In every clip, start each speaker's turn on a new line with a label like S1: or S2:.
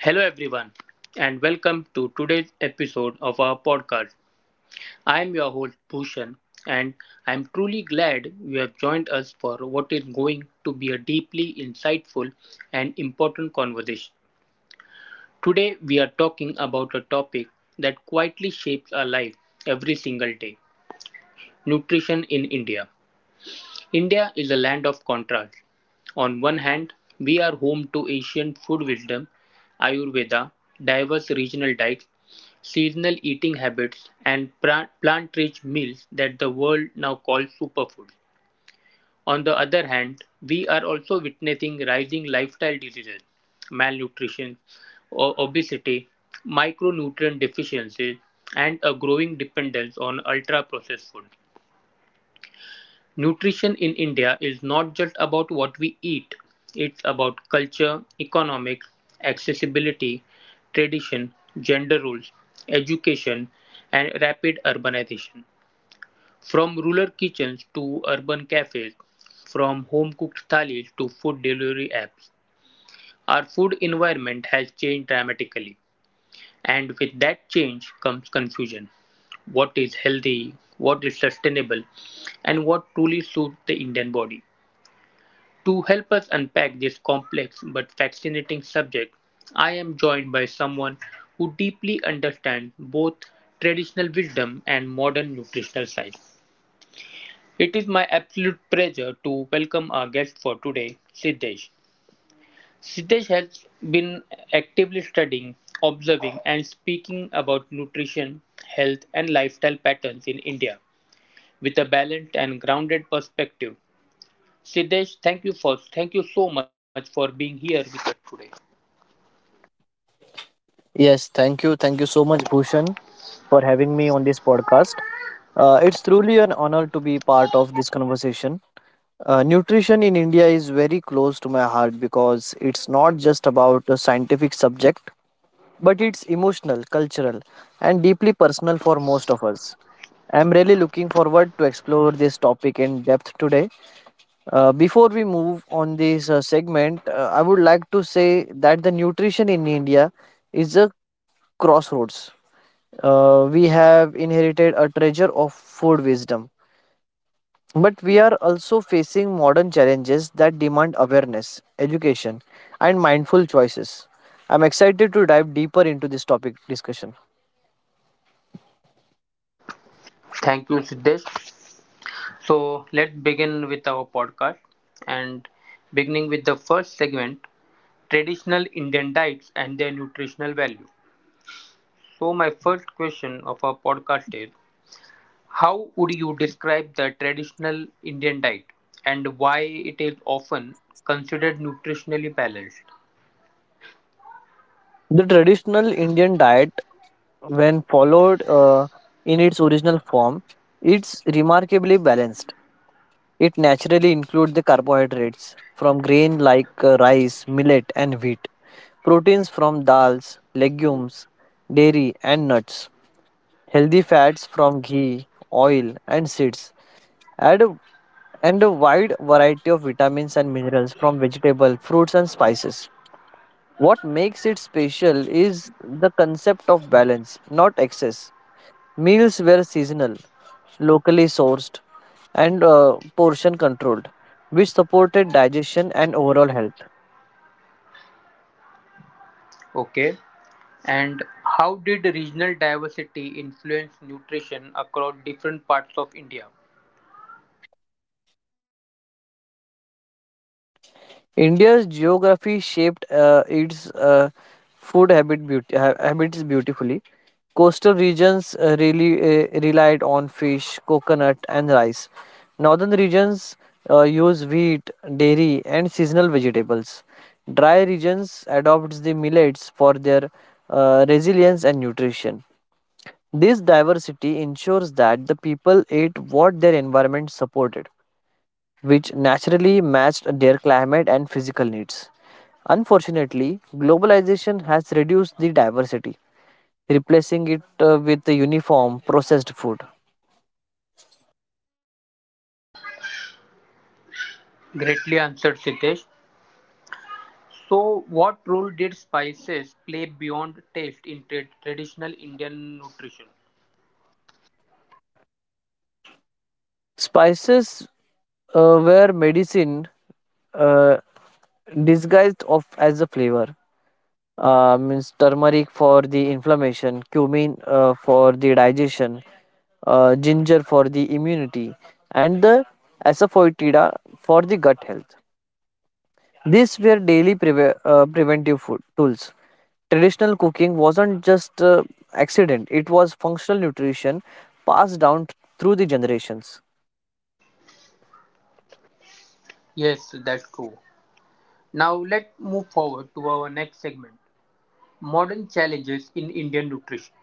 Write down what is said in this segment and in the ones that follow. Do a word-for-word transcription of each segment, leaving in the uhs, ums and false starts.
S1: Hello, everyone, and welcome to today's episode of our podcast. I am your host, Bhushan, and I am truly glad you have joined us for what is going to be a deeply insightful and important conversation. Today, we are talking about a topic that quietly shapes our life every single day: nutrition in India. India is a land of contrasts. On one hand, we are home to ancient food wisdom, Ayurveda, diverse regional diets, seasonal eating habits and plant-rich meals that the world now calls superfoods. On the other hand, we are also witnessing rising lifestyle diseases, malnutrition, o- obesity, micronutrient deficiencies, and a growing dependence on ultra-processed food. Nutrition in India is not just about what we eat, it's about culture, economics, accessibility, tradition, gender roles, education, and rapid urbanization. From rural kitchens to urban cafes, from home cooked thalis to food delivery apps, our food environment has changed dramatically. And with that change comes confusion: what is healthy, what is sustainable, and what truly suits the Indian body. To help us unpack this complex but fascinating subject, I am joined by someone who deeply understands both traditional wisdom and modern nutritional science. It is my absolute pleasure to welcome our guest for today, Siddesh. Siddesh has been actively studying, observing, and speaking about nutrition, health, and lifestyle patterns in India with a balanced and grounded perspective. Siddesh, thank you for thank you so much for being here with us today.
S2: Yes, thank you. Thank you so much, Bhushan, for having me on this podcast. Uh, it's truly an honor to be part of this conversation. Uh, nutrition in India is very close to my heart because it's not just about a scientific subject, but it's emotional, cultural, and deeply personal for most of us. I'm really looking forward to explore this topic in depth today. Uh, before we move on this uh, segment, uh, I would like to say that the nutrition in India is a crossroads uh, we have inherited a treasure of food wisdom. But we are also facing modern challenges that demand awareness, education, and mindful choices. I'm excited to dive deeper into this topic discussion.
S1: Thank you, Siddesh. So let's begin with our podcast and beginning with the first segment: traditional Indian diets and their nutritional value. So, my first question of our podcast is: how would you describe the traditional Indian diet and why it is often considered nutritionally balanced?
S2: The traditional Indian diet, when followed uh, in its original form, it's remarkably balanced. It naturally includes the carbohydrates from grain like uh, rice, millet, and wheat, proteins from dals, legumes, dairy, and nuts, healthy fats from ghee, oil, and seeds, and a, and a wide variety of vitamins and minerals from vegetable, fruits, and spices. What makes it special is the concept of balance, not excess. Meals were seasonal, locally sourced, and uh, portion controlled, which supported digestion and overall health.
S1: Okay, and how did regional diversity influence nutrition across different parts of India?
S2: India's geography shaped uh, its uh, food habit beauty, ha- habits beautifully. Coastal regions uh, really uh, relied on fish, coconut, and rice. Northern regions uh, use wheat, dairy, and seasonal vegetables. Dry regions adopts the millets for their uh, resilience and nutrition. This diversity ensures that the people ate what their environment supported which naturally matched their climate and physical needs. Unfortunately, globalization has reduced the diversity, replacing it uh, with the uniform processed food.
S1: Greatly answered, Siddesh. So, what role did spices play beyond taste in tra- traditional Indian nutrition?
S2: Spices uh, were medicine uh, disguised of as a flavor. Uh, means turmeric for the inflammation, cumin uh, for the digestion, uh, ginger for the immunity, and the asafoetida for the gut health. These were daily preve- uh, preventive food tools. Traditional cooking wasn't just uh, accident; it was functional nutrition passed down through the generations.
S1: Yes, that's true. Now, let's move forward to our next segment: modern challenges in Indian nutrition.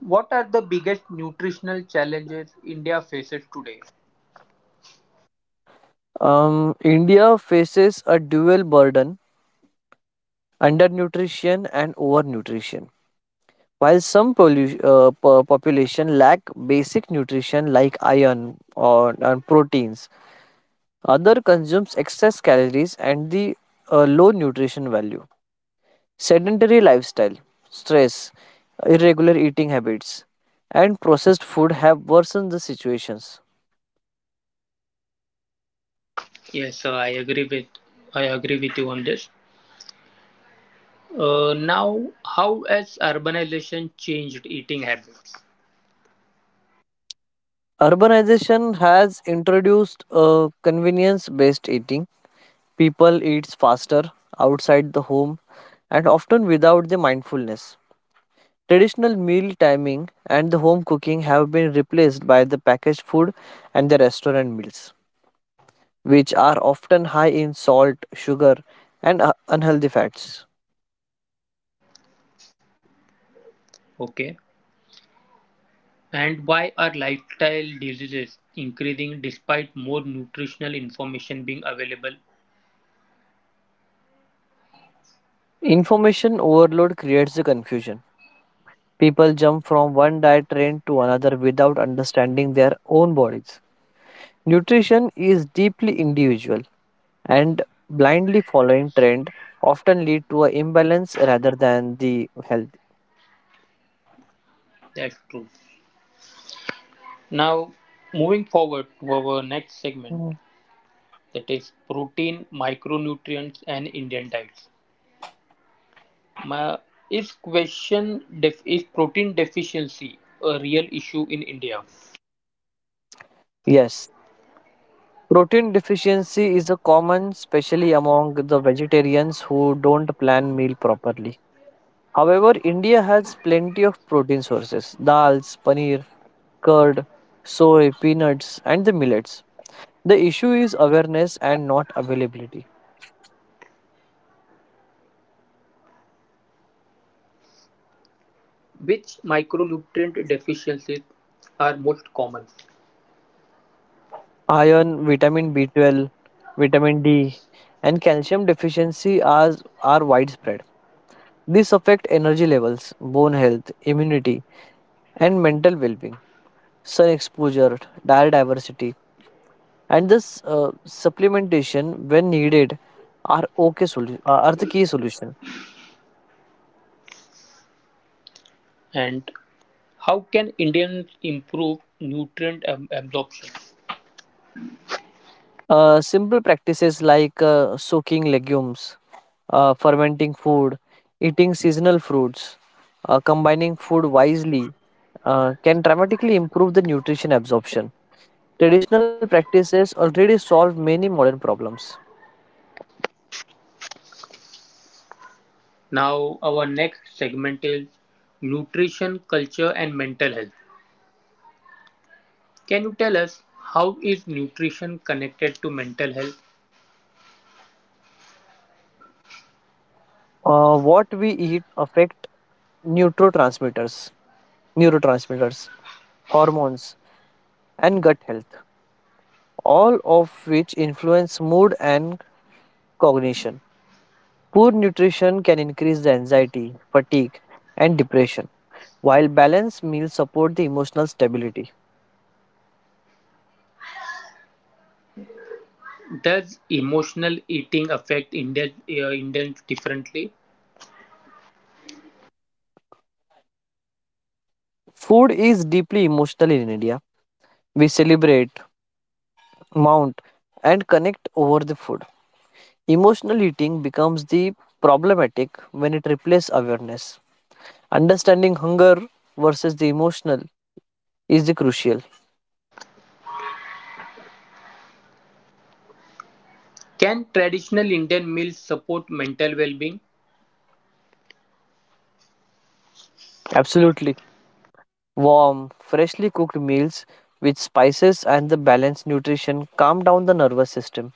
S1: What are the biggest nutritional challenges India faces today?
S2: Um, India faces a dual burden: undernutrition and overnutrition. While some polu- uh, po- population lack basic nutrition like iron or and proteins, other consumes excess calories and the uh, low nutrition value. Sedentary lifestyle, stress, irregular eating habits, and processed food have worsened the situations.
S1: Yes, uh, I agree with I agree with you on this. Uh, now, how has urbanization changed eating habits?
S2: Urbanization has introduced a convenience based eating. People eat faster outside the home and often without the mindfulness. Traditional meal timing and the home cooking have been replaced by the packaged food and the restaurant meals, which are often high in salt, sugar, and uh, unhealthy fats.
S1: Okay, and why are lifestyle diseases increasing despite more nutritional information being available?
S2: Information overload creates the confusion. People jump from one diet trend to another without understanding their own bodies. Nutrition is deeply individual, and blindly following trend often lead to an imbalance rather than the health.
S1: That's true. Now, moving forward to our next segment,
S2: Mm.
S1: that is protein, micronutrients, and Indian diets. My, is question def, Is protein deficiency a real issue in India?
S2: Yes, protein deficiency is a common, especially among the vegetarians who don't plan meal properly. However, India has plenty of protein sources: dals, paneer, curd, soy, peanuts, and the millets. The issue is awareness and not availability.
S1: Which micronutrient deficiencies are most common?
S2: Iron, vitamin B twelve, vitamin D, and calcium deficiency are, are widespread. These affect energy levels, bone health, immunity, and mental well being. Sun exposure, diet diversity, and this uh, supplementation when needed are okay solu- uh, are the key solution.
S1: And how can Indians improve nutrient ab- absorption?
S2: Uh, simple practices like uh, soaking legumes, uh, fermenting food, eating seasonal fruits, uh, combining food wisely uh, can dramatically improve the nutrition absorption. Traditional practices already solve many modern problems.
S1: Now, our next segment is nutrition, culture, and mental health. Can you tell us how is nutrition connected to mental health?
S2: Uh, what we eat affect neurotransmitters, neurotransmitters, hormones, and gut health, all of which influence mood and cognition. Poor nutrition can increase the anxiety, fatigue, and depression, while balanced meals support the emotional stability.
S1: Does emotional eating affect Indian, uh, Indians differently?
S2: Food is deeply emotional in India. We celebrate, mount, and connect over the food. Emotional eating becomes the problematic when it replaces awareness. Understanding hunger versus the emotional is the crucial.
S1: Can traditional Indian meals support mental well-being?
S2: Absolutely. Warm, freshly cooked meals with spices and the balanced nutrition calm down the nervous system.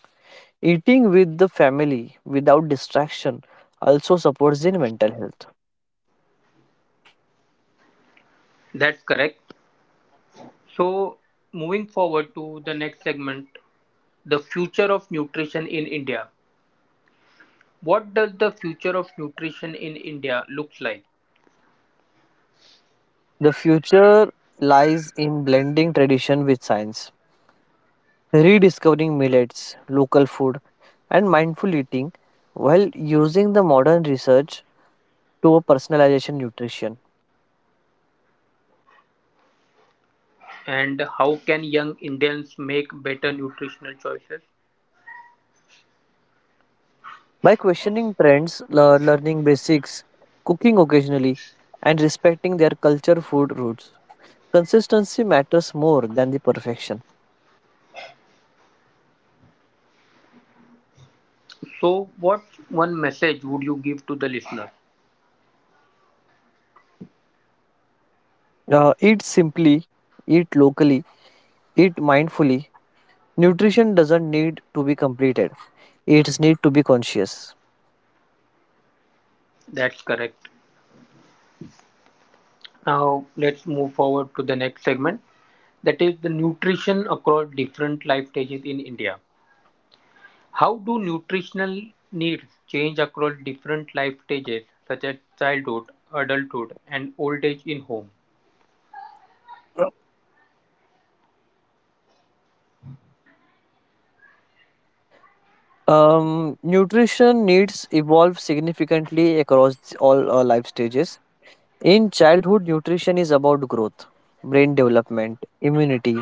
S2: Eating with the family without distraction also supports the mental health.
S1: That's correct. So, moving forward to the next segment, the future of nutrition in India. What does the future of nutrition in India looks like?
S2: The future lies in blending tradition with science, rediscovering millets, local food, and mindful eating while using the modern research to a personalization nutrition.
S1: And how can young Indians make better nutritional choices?
S2: By questioning trends, lear- learning basics, cooking occasionally, and respecting their culture food roots, consistency matters more than the perfection.
S1: So, what one message would you give to the listener?
S2: Uh, eat simply, eat locally, eat mindfully. Nutrition doesn't need to be completed, it needs to be conscious.
S1: That's correct. Now, let's move forward to the next segment, that is the nutrition across different life stages in India. How do nutritional needs change across different life stages, such as childhood, adulthood, and old age in home?
S2: Um, nutrition needs evolve significantly across all uh, life stages. In childhood, nutrition is about growth, brain development, immunity,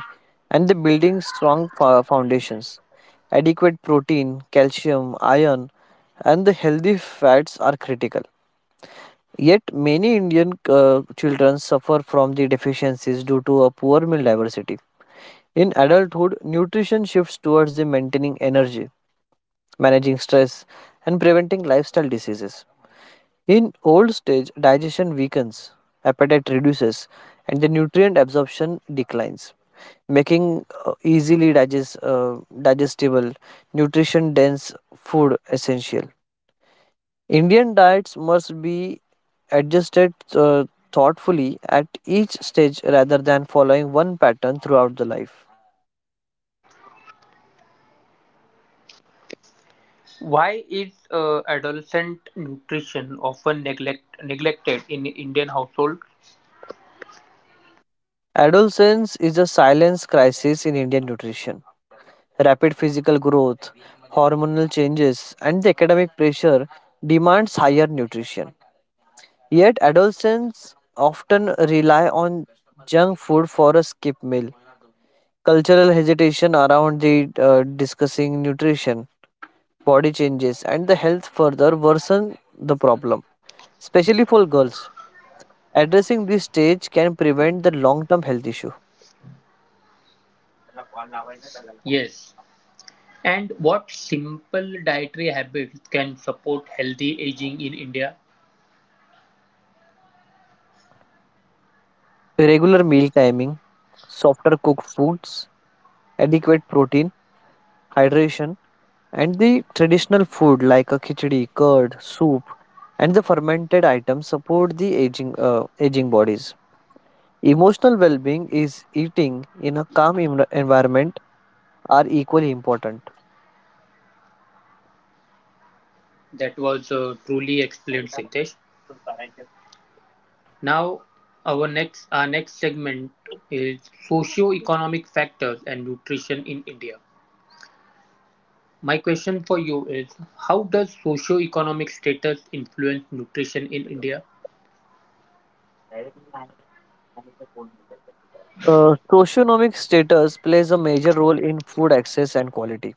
S2: and the building strong fo- foundations. Adequate protein, calcium, iron, and the healthy fats are critical. Yet, many Indian uh, children suffer from the deficiencies due to a poor meal diversity. In adulthood, nutrition shifts towards the maintaining energy managing stress, and preventing lifestyle diseases. In old age, digestion weakens, appetite reduces, and the nutrient absorption declines, making uh, easily digest, uh, digestible, nutrition dense food essential. Indian diets must be adjusted uh, thoughtfully at each stage rather than following one pattern throughout the life.
S1: Why is uh, adolescent nutrition often neglect- neglected in Indian households?
S2: Adolescence is a silence crisis in Indian nutrition rapid physical growth, hormonal changes, and the academic pressure demands higher nutrition. Yet, adolescents often rely on junk food for a skip meal. Cultural hesitation around the uh, discussing nutrition, body changes, and the health further worsen the problem, especially for girls. Addressing this stage can prevent the long term health issue.
S1: Yes, and what simple dietary habits can support healthy aging in India?
S2: Regular meal timing, softer cooked foods, adequate protein, hydration, and the traditional food like a khichdi, curd, soup, and the fermented items support the aging, uh, aging bodies. Emotional well being is eating in a calm em- environment are equally important.
S1: That was uh, truly explained, Sitesh. Now, our next our next segment is socio-economic factors and nutrition in India. My question for you is: how does socio-economic status influence nutrition in India?
S2: Uh, socioeconomic status plays a major role in food access and quality.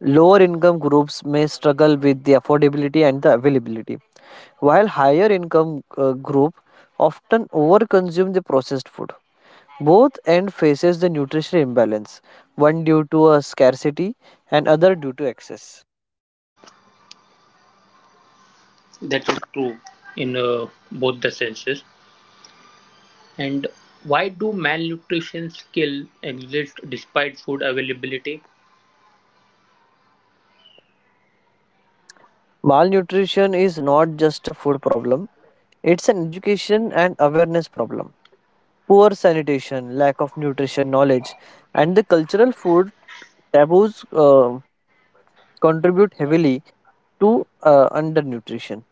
S2: Lower income groups may struggle with the affordability and the availability, while higher income uh, group often overconsume the processed food. Both end faces the nutritional imbalance, one due to a scarcity and other due to excess.
S1: That is true in uh, both the senses. And why do malnutrition still exist despite food availability?
S2: Malnutrition is not just a food problem, it's an education and awareness problem. Poor sanitation, lack of nutrition knowledge, and the cultural food taboos uh, contribute heavily to uh, undernutrition.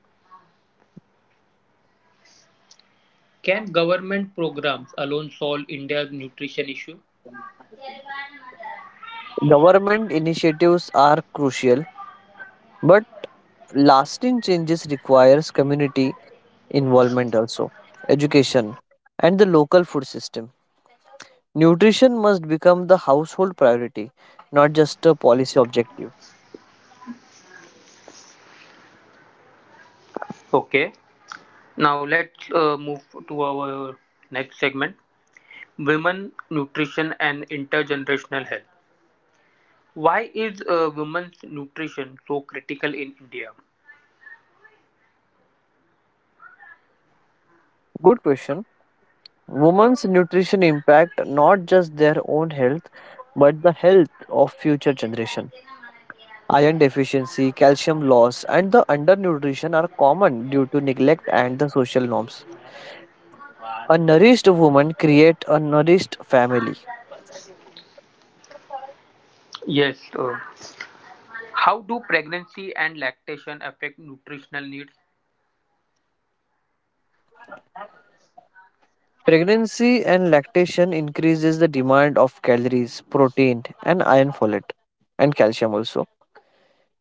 S1: Can government programs alone solve India's nutrition issue?
S2: Government initiatives are crucial, but lasting changes requires community involvement also, education, and the local food system. Nutrition must become the household priority, not just a policy objective.
S1: Okay, now let's uh, move to our next segment: Women, Nutrition, and Intergenerational Health. Why is uh, women's nutrition so critical in India?
S2: Good question. Women's nutrition impact not just their own health, but the health of future generation. Iron deficiency, calcium loss, and the undernutrition are common due to neglect and the social norms. A nourished woman creates a nourished family.
S1: Yes, uh, how do pregnancy and lactation affect nutritional needs,
S2: Pregnancy and lactation increases the demand of calories, protein, and iron folate, and calcium also.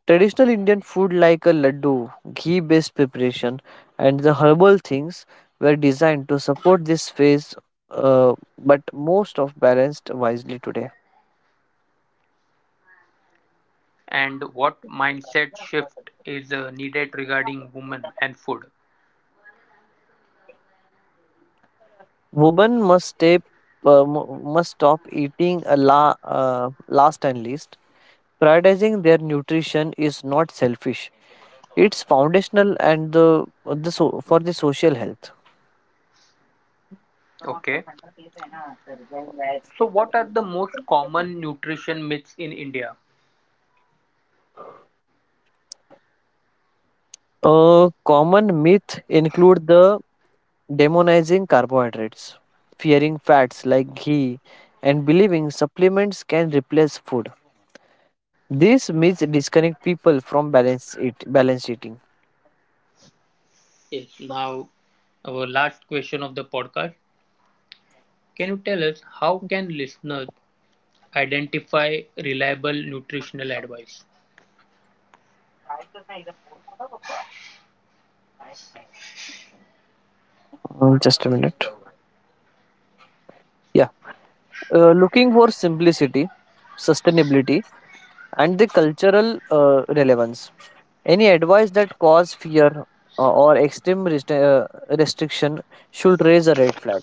S2: Traditional Indian food like a laddu, ghee-based preparation, and the herbal things were designed to support this phase, uh, but most of balanced wisely today.
S1: and what mindset shift is uh, needed regarding women and food?
S2: Women must stay, uh, mu- must stop eating a la, uh, last and least. Prioritizing their nutrition is not selfish; it's foundational and the, the so, for the social health.
S1: Okay, so what are the most common nutrition myths in India?
S2: A common myth include the demonizing carbohydrates, fearing fats like ghee, and believing supplements can replace food. These myths disconnect people from balance it balance eating.
S1: Is now our last question of the podcast. Can you tell us how can listeners identify reliable nutritional advice?
S2: Mm, just a minute. Yeah, uh, looking for simplicity, sustainability, and the cultural uh, relevance. Any advice that cause fear uh, or extreme rest- uh, restriction should raise a red flag.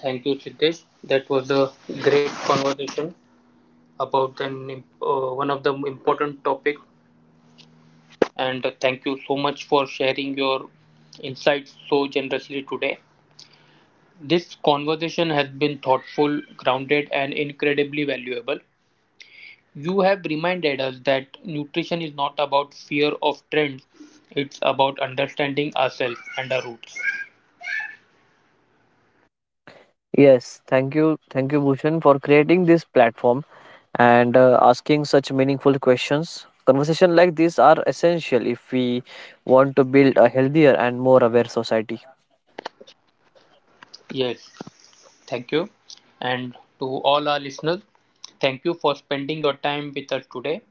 S1: Thank you, Siddesh. That was a great conversation about an uh, one of the important topic, and thank you so much for sharing your insights so generously today. This conversation has been thoughtful, grounded, and incredibly valuable. You have reminded us that nutrition is not about fear of trends, it's about understanding ourselves and our roots.
S2: Yes, thank you, thank you, Bhushan, for creating this platform and uh, asking such meaningful questions. Conversation like these are essential if we want to build a healthier and more aware society.
S1: Yes, thank you. And to all our listeners, thank you for spending your time with us today.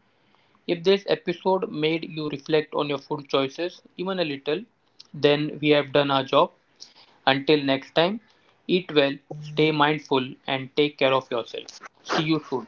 S1: If this episode made you reflect on your food choices, even a little, then we have done our job. Until next time, eat well, stay mindful, and take care of yourself. See you soon.